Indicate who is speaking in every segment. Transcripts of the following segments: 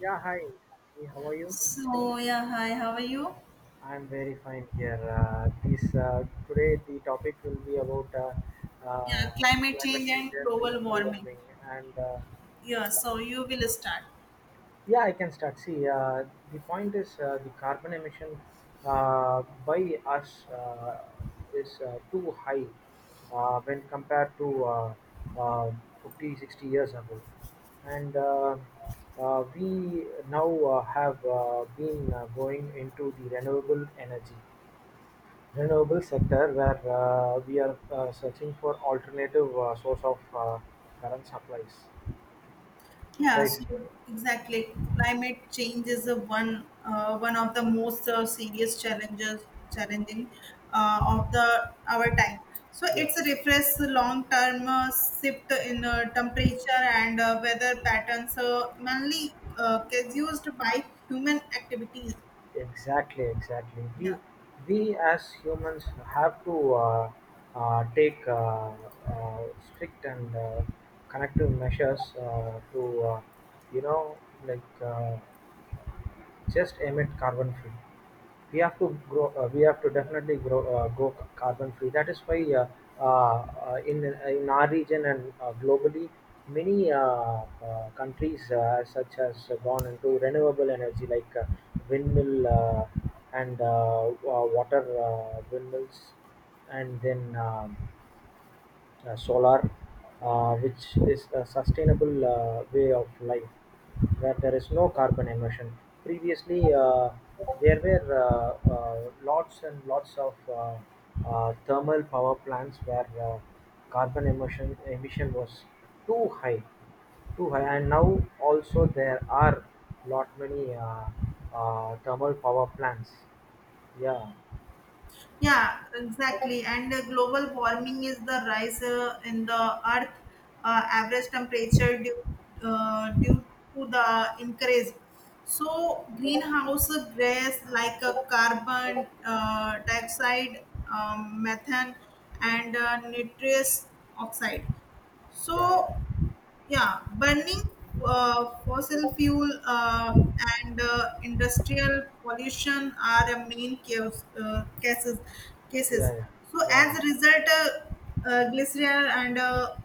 Speaker 1: Yeah, hi. Sakshi. How are you?
Speaker 2: So yeah, hi, how are you?
Speaker 1: I'm very fine here. This today the topic will be about
Speaker 2: Yeah, climate
Speaker 1: climate
Speaker 2: change
Speaker 1: change
Speaker 2: and
Speaker 1: and
Speaker 2: global
Speaker 1: global
Speaker 2: warming.
Speaker 1: warming. And
Speaker 2: Yeah, so you will start.
Speaker 1: yeah, I can start. See, the point is the carbon emission by us, is too high when compared to uh, 50, 60 years ago. And We now have been going into the renewable energy renewable sector where we are searching for alternative source of current supplies,
Speaker 2: Yeah,
Speaker 1: right?
Speaker 2: so exactly. Climate change is a one one of the most serious challenges challenging of the our time. So
Speaker 1: Yeah,
Speaker 2: it's a refresh long term shift in temperature and weather patterns, mainly is used by human activities.
Speaker 1: exactly,
Speaker 2: Yeah.
Speaker 1: we as humans have to take strict and connective measures to, you know, like just emit carbon free. We have to grow, we have to definitely grow, go carbon free. That is why, in our region and globally many countries such as gone into renewable energy like windmill and water windmills, and then solar, which is a sustainable way of life where there is no carbon emission. Previously, there were lots and lots of thermal power plants where carbon emission was too high, too high, and now also there are lot many thermal power plants. Yeah,
Speaker 2: Yeah, exactly. And Global warming is the rise in the Earth average temperature due to the increase. So greenhouse gas like carbon dioxide, methane, and nitrous oxide.
Speaker 1: yeah, yeah,
Speaker 2: So
Speaker 1: yeah,
Speaker 2: yeah, burning fossil fuel and industrial pollution are the main cases.
Speaker 1: yeah,
Speaker 2: Cases.
Speaker 1: yeah,
Speaker 2: So
Speaker 1: yeah.
Speaker 2: as a result, glycerin and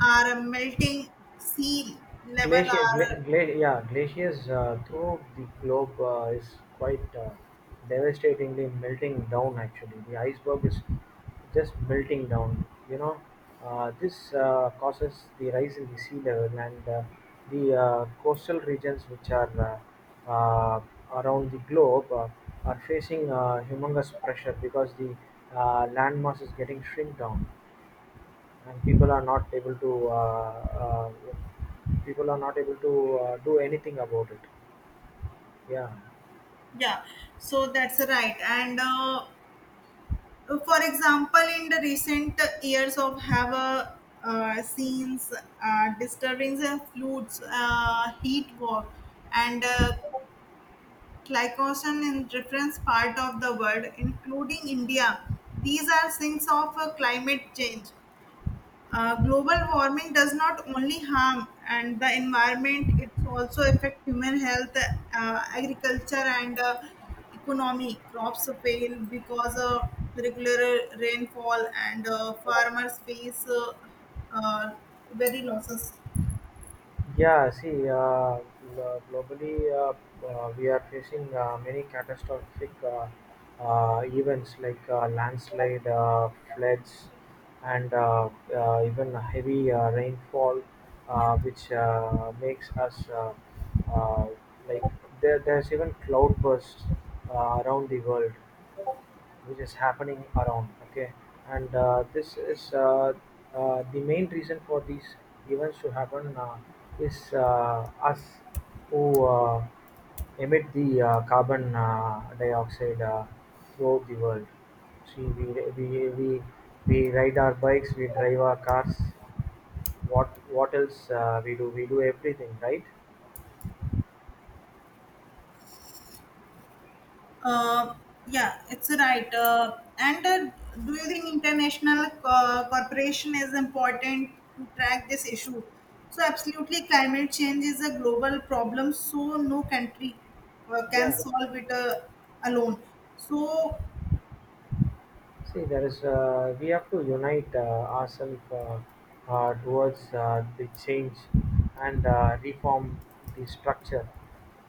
Speaker 2: are melting sea level are
Speaker 1: Yeah, glaciers through the globe is quite devastatingly melting down. Actually, the iceberg is just melting down. You know, this causes the rise in the sea level, and the coastal regions, which are uh, uh, around the globe, are facing humongous pressure because the land mass is getting shrink down, and people are not able to, uh, people are not able to do anything about it. Yeah.
Speaker 2: yeah. So that's right. And For example, in the recent years of have a scenes, disturbance and floods, heat war, and glycogen in different part of the world, including India. These are signs of climate change. Global warming does not only harm and the environment; it also affects human health, agriculture, and economy. Crops fail because of regular rainfall, and farmers face uh, very losses.
Speaker 1: Yeah, see, globally, we are facing many catastrophic events like landslide, floods, and even heavy rainfall, which makes us uh, like, there's even cloud bursts around the world which is happening around. Okay, and this is, the main reason for these events to happen is us who emit the carbon dioxide throughout the world. See, we we, we ride our bikes, we drive our cars. What else we do? We do everything, right?
Speaker 2: Uh, yeah, it's right. And Do you think international cooperation is important to track this issue? So, absolutely, climate change is a global problem, so no country can
Speaker 1: Yeah.
Speaker 2: solve it alone. So,
Speaker 1: See, there is, we have to unite ourselves towards the change and reform the structure.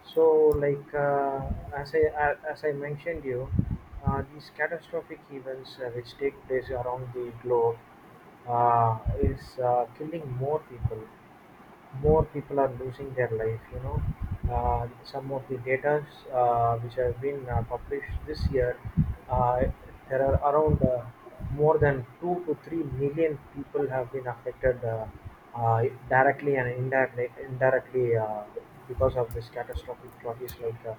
Speaker 1: So, like, as I mentioned you, these catastrophic events which take place around the globe is killing more people. More people are losing their life, you know. Some of the data which have been published this year, uh, there are around more than 2 to 3 million people have been affected, uh, directly and indirectly, because of this catastrophic losses like uh,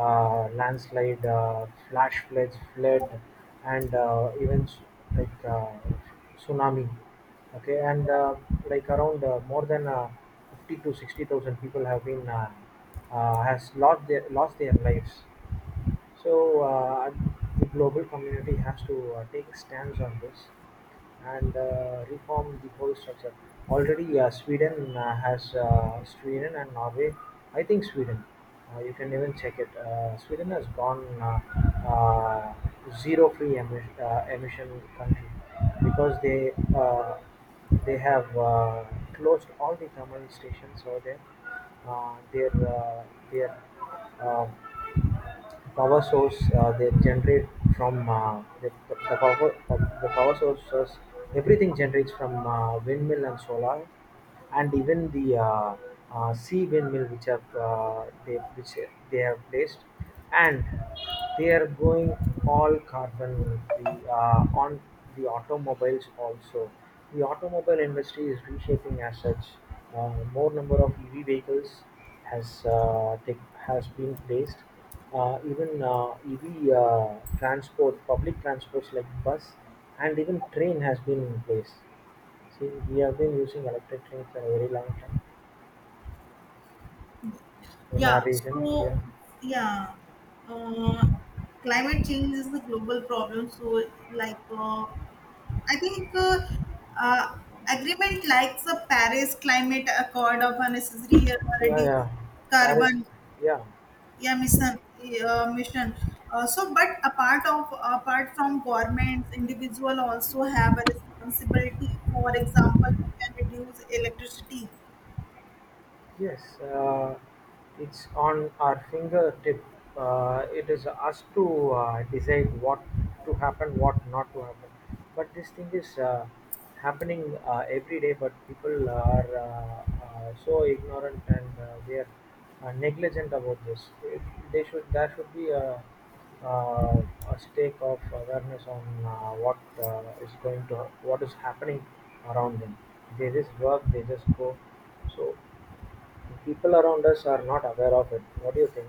Speaker 1: uh, landslide, flash floods, flood, and even like uh, tsunami. Okay, and like around more than fifty to sixty thousand people have been, has lost their lives. So, the global community has to take stance on this and reform the whole structure. Already, Sweden has, Sweden and Norway. I think Sweden. You can even check it. Sweden has gone, zero free emission, emission country, because they, they have closed all the thermal stations over there. Their, their, uh, power source they generate from the power, the power sources, everything generates from windmill and solar, and even the sea windmill which have, they have placed, and they are going all carbon free on the automobiles also. The automobile industry is reshaping as such. More number of EV vehicles has uh, take, has been placed. Even EV transport, public transports like bus and even train has been in place. See, we have been using electric trains for a very long time in
Speaker 2: yeah,
Speaker 1: our region. Yeah,
Speaker 2: yeah, uh, climate change is a global problem. So, like, uh, I think uh, agreement like the Paris Climate Accord of a necessary
Speaker 1: yeah,
Speaker 2: reduce
Speaker 1: yeah. Paris,
Speaker 2: carbon
Speaker 1: yeah.
Speaker 2: emission emission. So, but apart from governments, individual also have a responsibility. For example, we can reduce electricity.
Speaker 1: Yes, it's on our fingertip. It is us to decide what to happen, what not to happen. But this thing is happening every day, but people are so ignorant, and they are negligent about this. They should, there should be uh, a stake of awareness on what is going to what is happening around them. They just work, they just go. So, people around us are not aware of it. What do you think?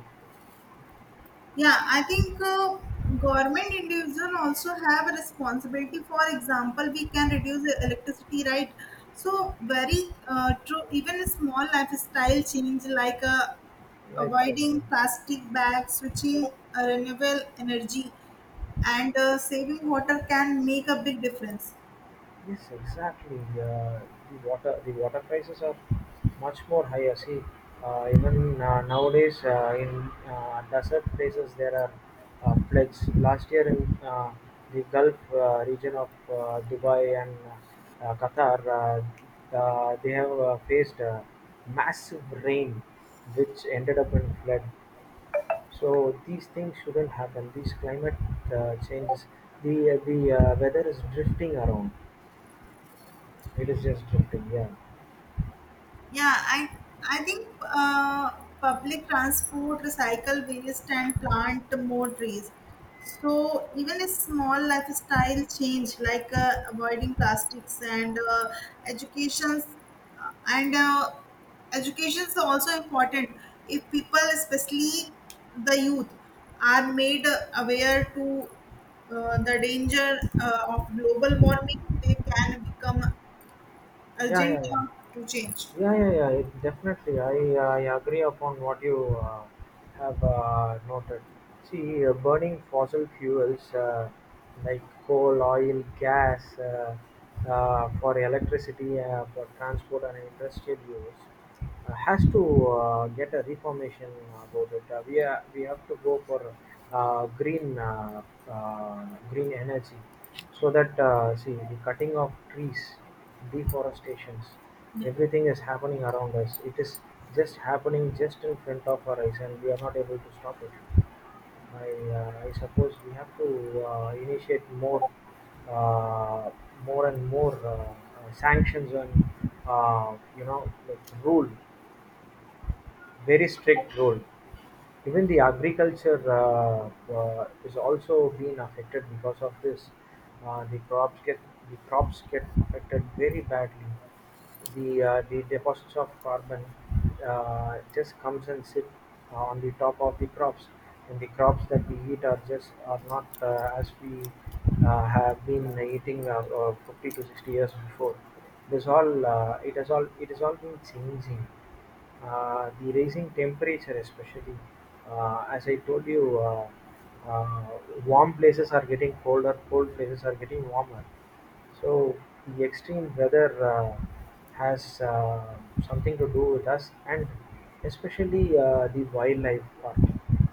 Speaker 2: Yeah, I think government individual also have a responsibility. For example, we can reduce the electricity, right? So very true. Even a small lifestyle change like
Speaker 1: Lifestyle
Speaker 2: avoiding
Speaker 1: thing.
Speaker 2: plastic bags, switching renewable energy, and saving water can make a big difference.
Speaker 1: Yes, exactly. The water prices are much more higher. See, even nowadays in desert places there are floods. Last year in the Gulf region of Dubai and Qatar, they have faced massive rain which ended up in flood. So these things shouldn't happen. These climate changes, the weather is drifting around. It is just drifting. Yeah.
Speaker 2: Yeah, I think uh, public transport, recycle waste, and plant more trees. So even a small lifestyle change like avoiding plastics educations and education is also important. If people, especially the youth, are made aware to the danger of global warming, they can become
Speaker 1: Yeah,
Speaker 2: urgent
Speaker 1: yeah, yeah.
Speaker 2: to change.
Speaker 1: Yeah, yeah, yeah. Definitely, I agree upon what you have noted. See, burning fossil fuels, like coal, oil, gas, for electricity, for transport and industrial use, has to get a reformation about it. We have to go for uh, green uh, green energy, so that, see, the cutting of trees, deforestations. Everything is happening around us. It is just happening just in front of our eyes, and we are not able to stop it. I, I suppose we have to initiate more, uh, more and more sanctions and, you know, like rule, very strict rule. Even the agriculture is also being affected because of this. Uh, the crops get the crops get affected very badly. The the deposits of carbon just comes and sit on the top of the crops, and the crops that we eat are just are not as we have been eating, 50 to 60 years before. It is all it has all been changing. The raising temperature especially, as I told you uh, warm places are getting colder, cold places are getting warmer. So the extreme weather has something to do with us, and especially the wildlife part.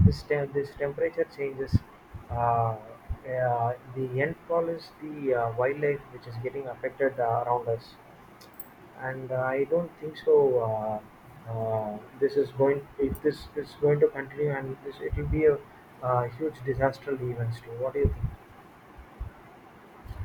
Speaker 1: This temperature changes. Uh, the end call is the wildlife which is getting affected around us, and I don't think so. Uh, this is going If this is going to continue, and this it will be a, huge disaster events too. What do you think?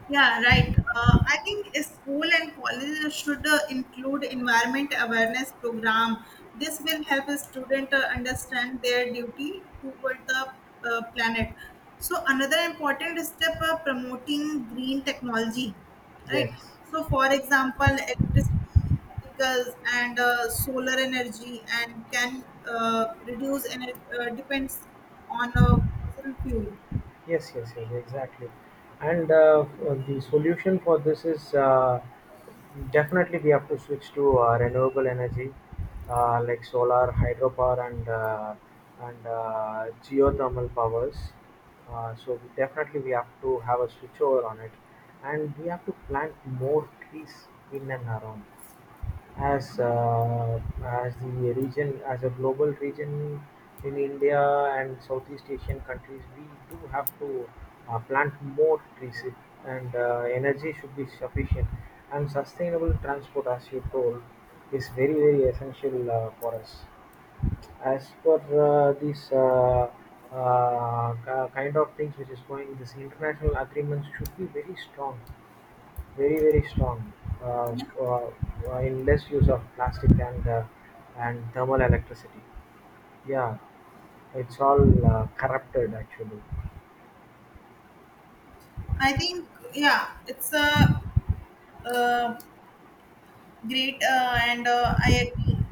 Speaker 2: Yeah, right. I think a school and colleges should include environment awareness program. This will help a student understand their duty toward the planet. So another important step promoting green technology, right?
Speaker 1: Yes.
Speaker 2: So for example, electricity vehicles and solar energy and can reduce energy depends on fossil fuel.
Speaker 1: Yes, yes, yes, exactly. And the solution for this is, definitely we have to switch to renewable energy like solar, hydropower, and geothermal powers. So definitely we have to have a switch over on it, and we have to plant more trees in and around, as the region, as a global region, in India and Southeast Asian countries. We do have to plant more trees, and energy should be sufficient. And sustainable transport, as you told, is very very essential for us. As per these kind of things which is going, this international agreements should be very strong, very very strong, uh,
Speaker 2: Yeah,
Speaker 1: in less use of plastic and thermal electricity. Yeah, it's all corrupted actually.
Speaker 2: I think yeah, it's a Uh, Great, and I agree.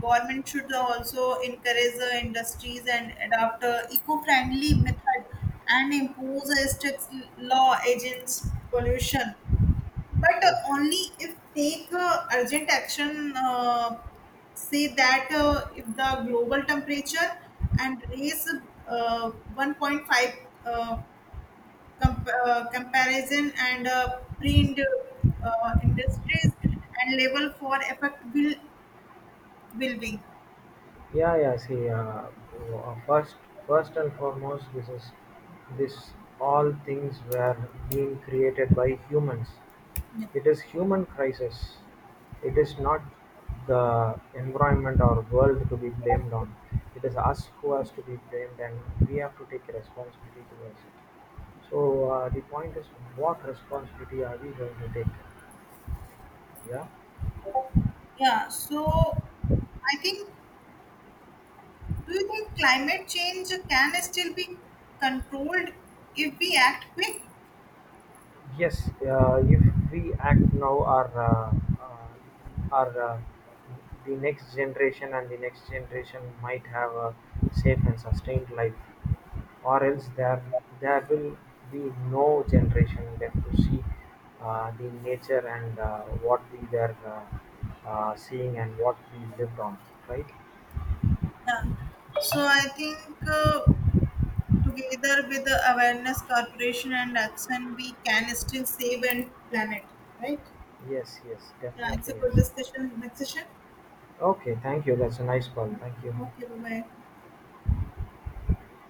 Speaker 2: Government should also encourage the industries and adopt eco-friendly method and impose a strict law against pollution. But
Speaker 1: it,
Speaker 2: Only if take urgent action. Say that if the global temperature and raise 1.5 uh, comparison and print industries and level for effect will be
Speaker 1: yeah, yeah, see, uh, first first and foremost, this is, this all things were being created by humans.
Speaker 2: yeah,
Speaker 1: It is human crisis. It is not the environment or world to be blamed on. It is us who has to be blamed, and we have to take responsibility towards it. So, the point is, what responsibility are we going to take? Yeah.
Speaker 2: yeah, so I think, do you think climate change can still be controlled if we act quick?
Speaker 1: Yes, if we act now, our the next generation and the next generation might have a safe and sustained life, or else there, there will be no generation left to see the nature and, what we were seeing and what we lived on. Right?
Speaker 2: Yeah, so I think together with the awareness corporation and action we can still save and planet, right?
Speaker 1: Yes, yes,
Speaker 2: Yeah, it's
Speaker 1: definitely
Speaker 2: a good
Speaker 1: yes.
Speaker 2: discussion. Next session.
Speaker 1: Okay, thank you. That's a nice call. Thank you.
Speaker 2: Okay, bye bye.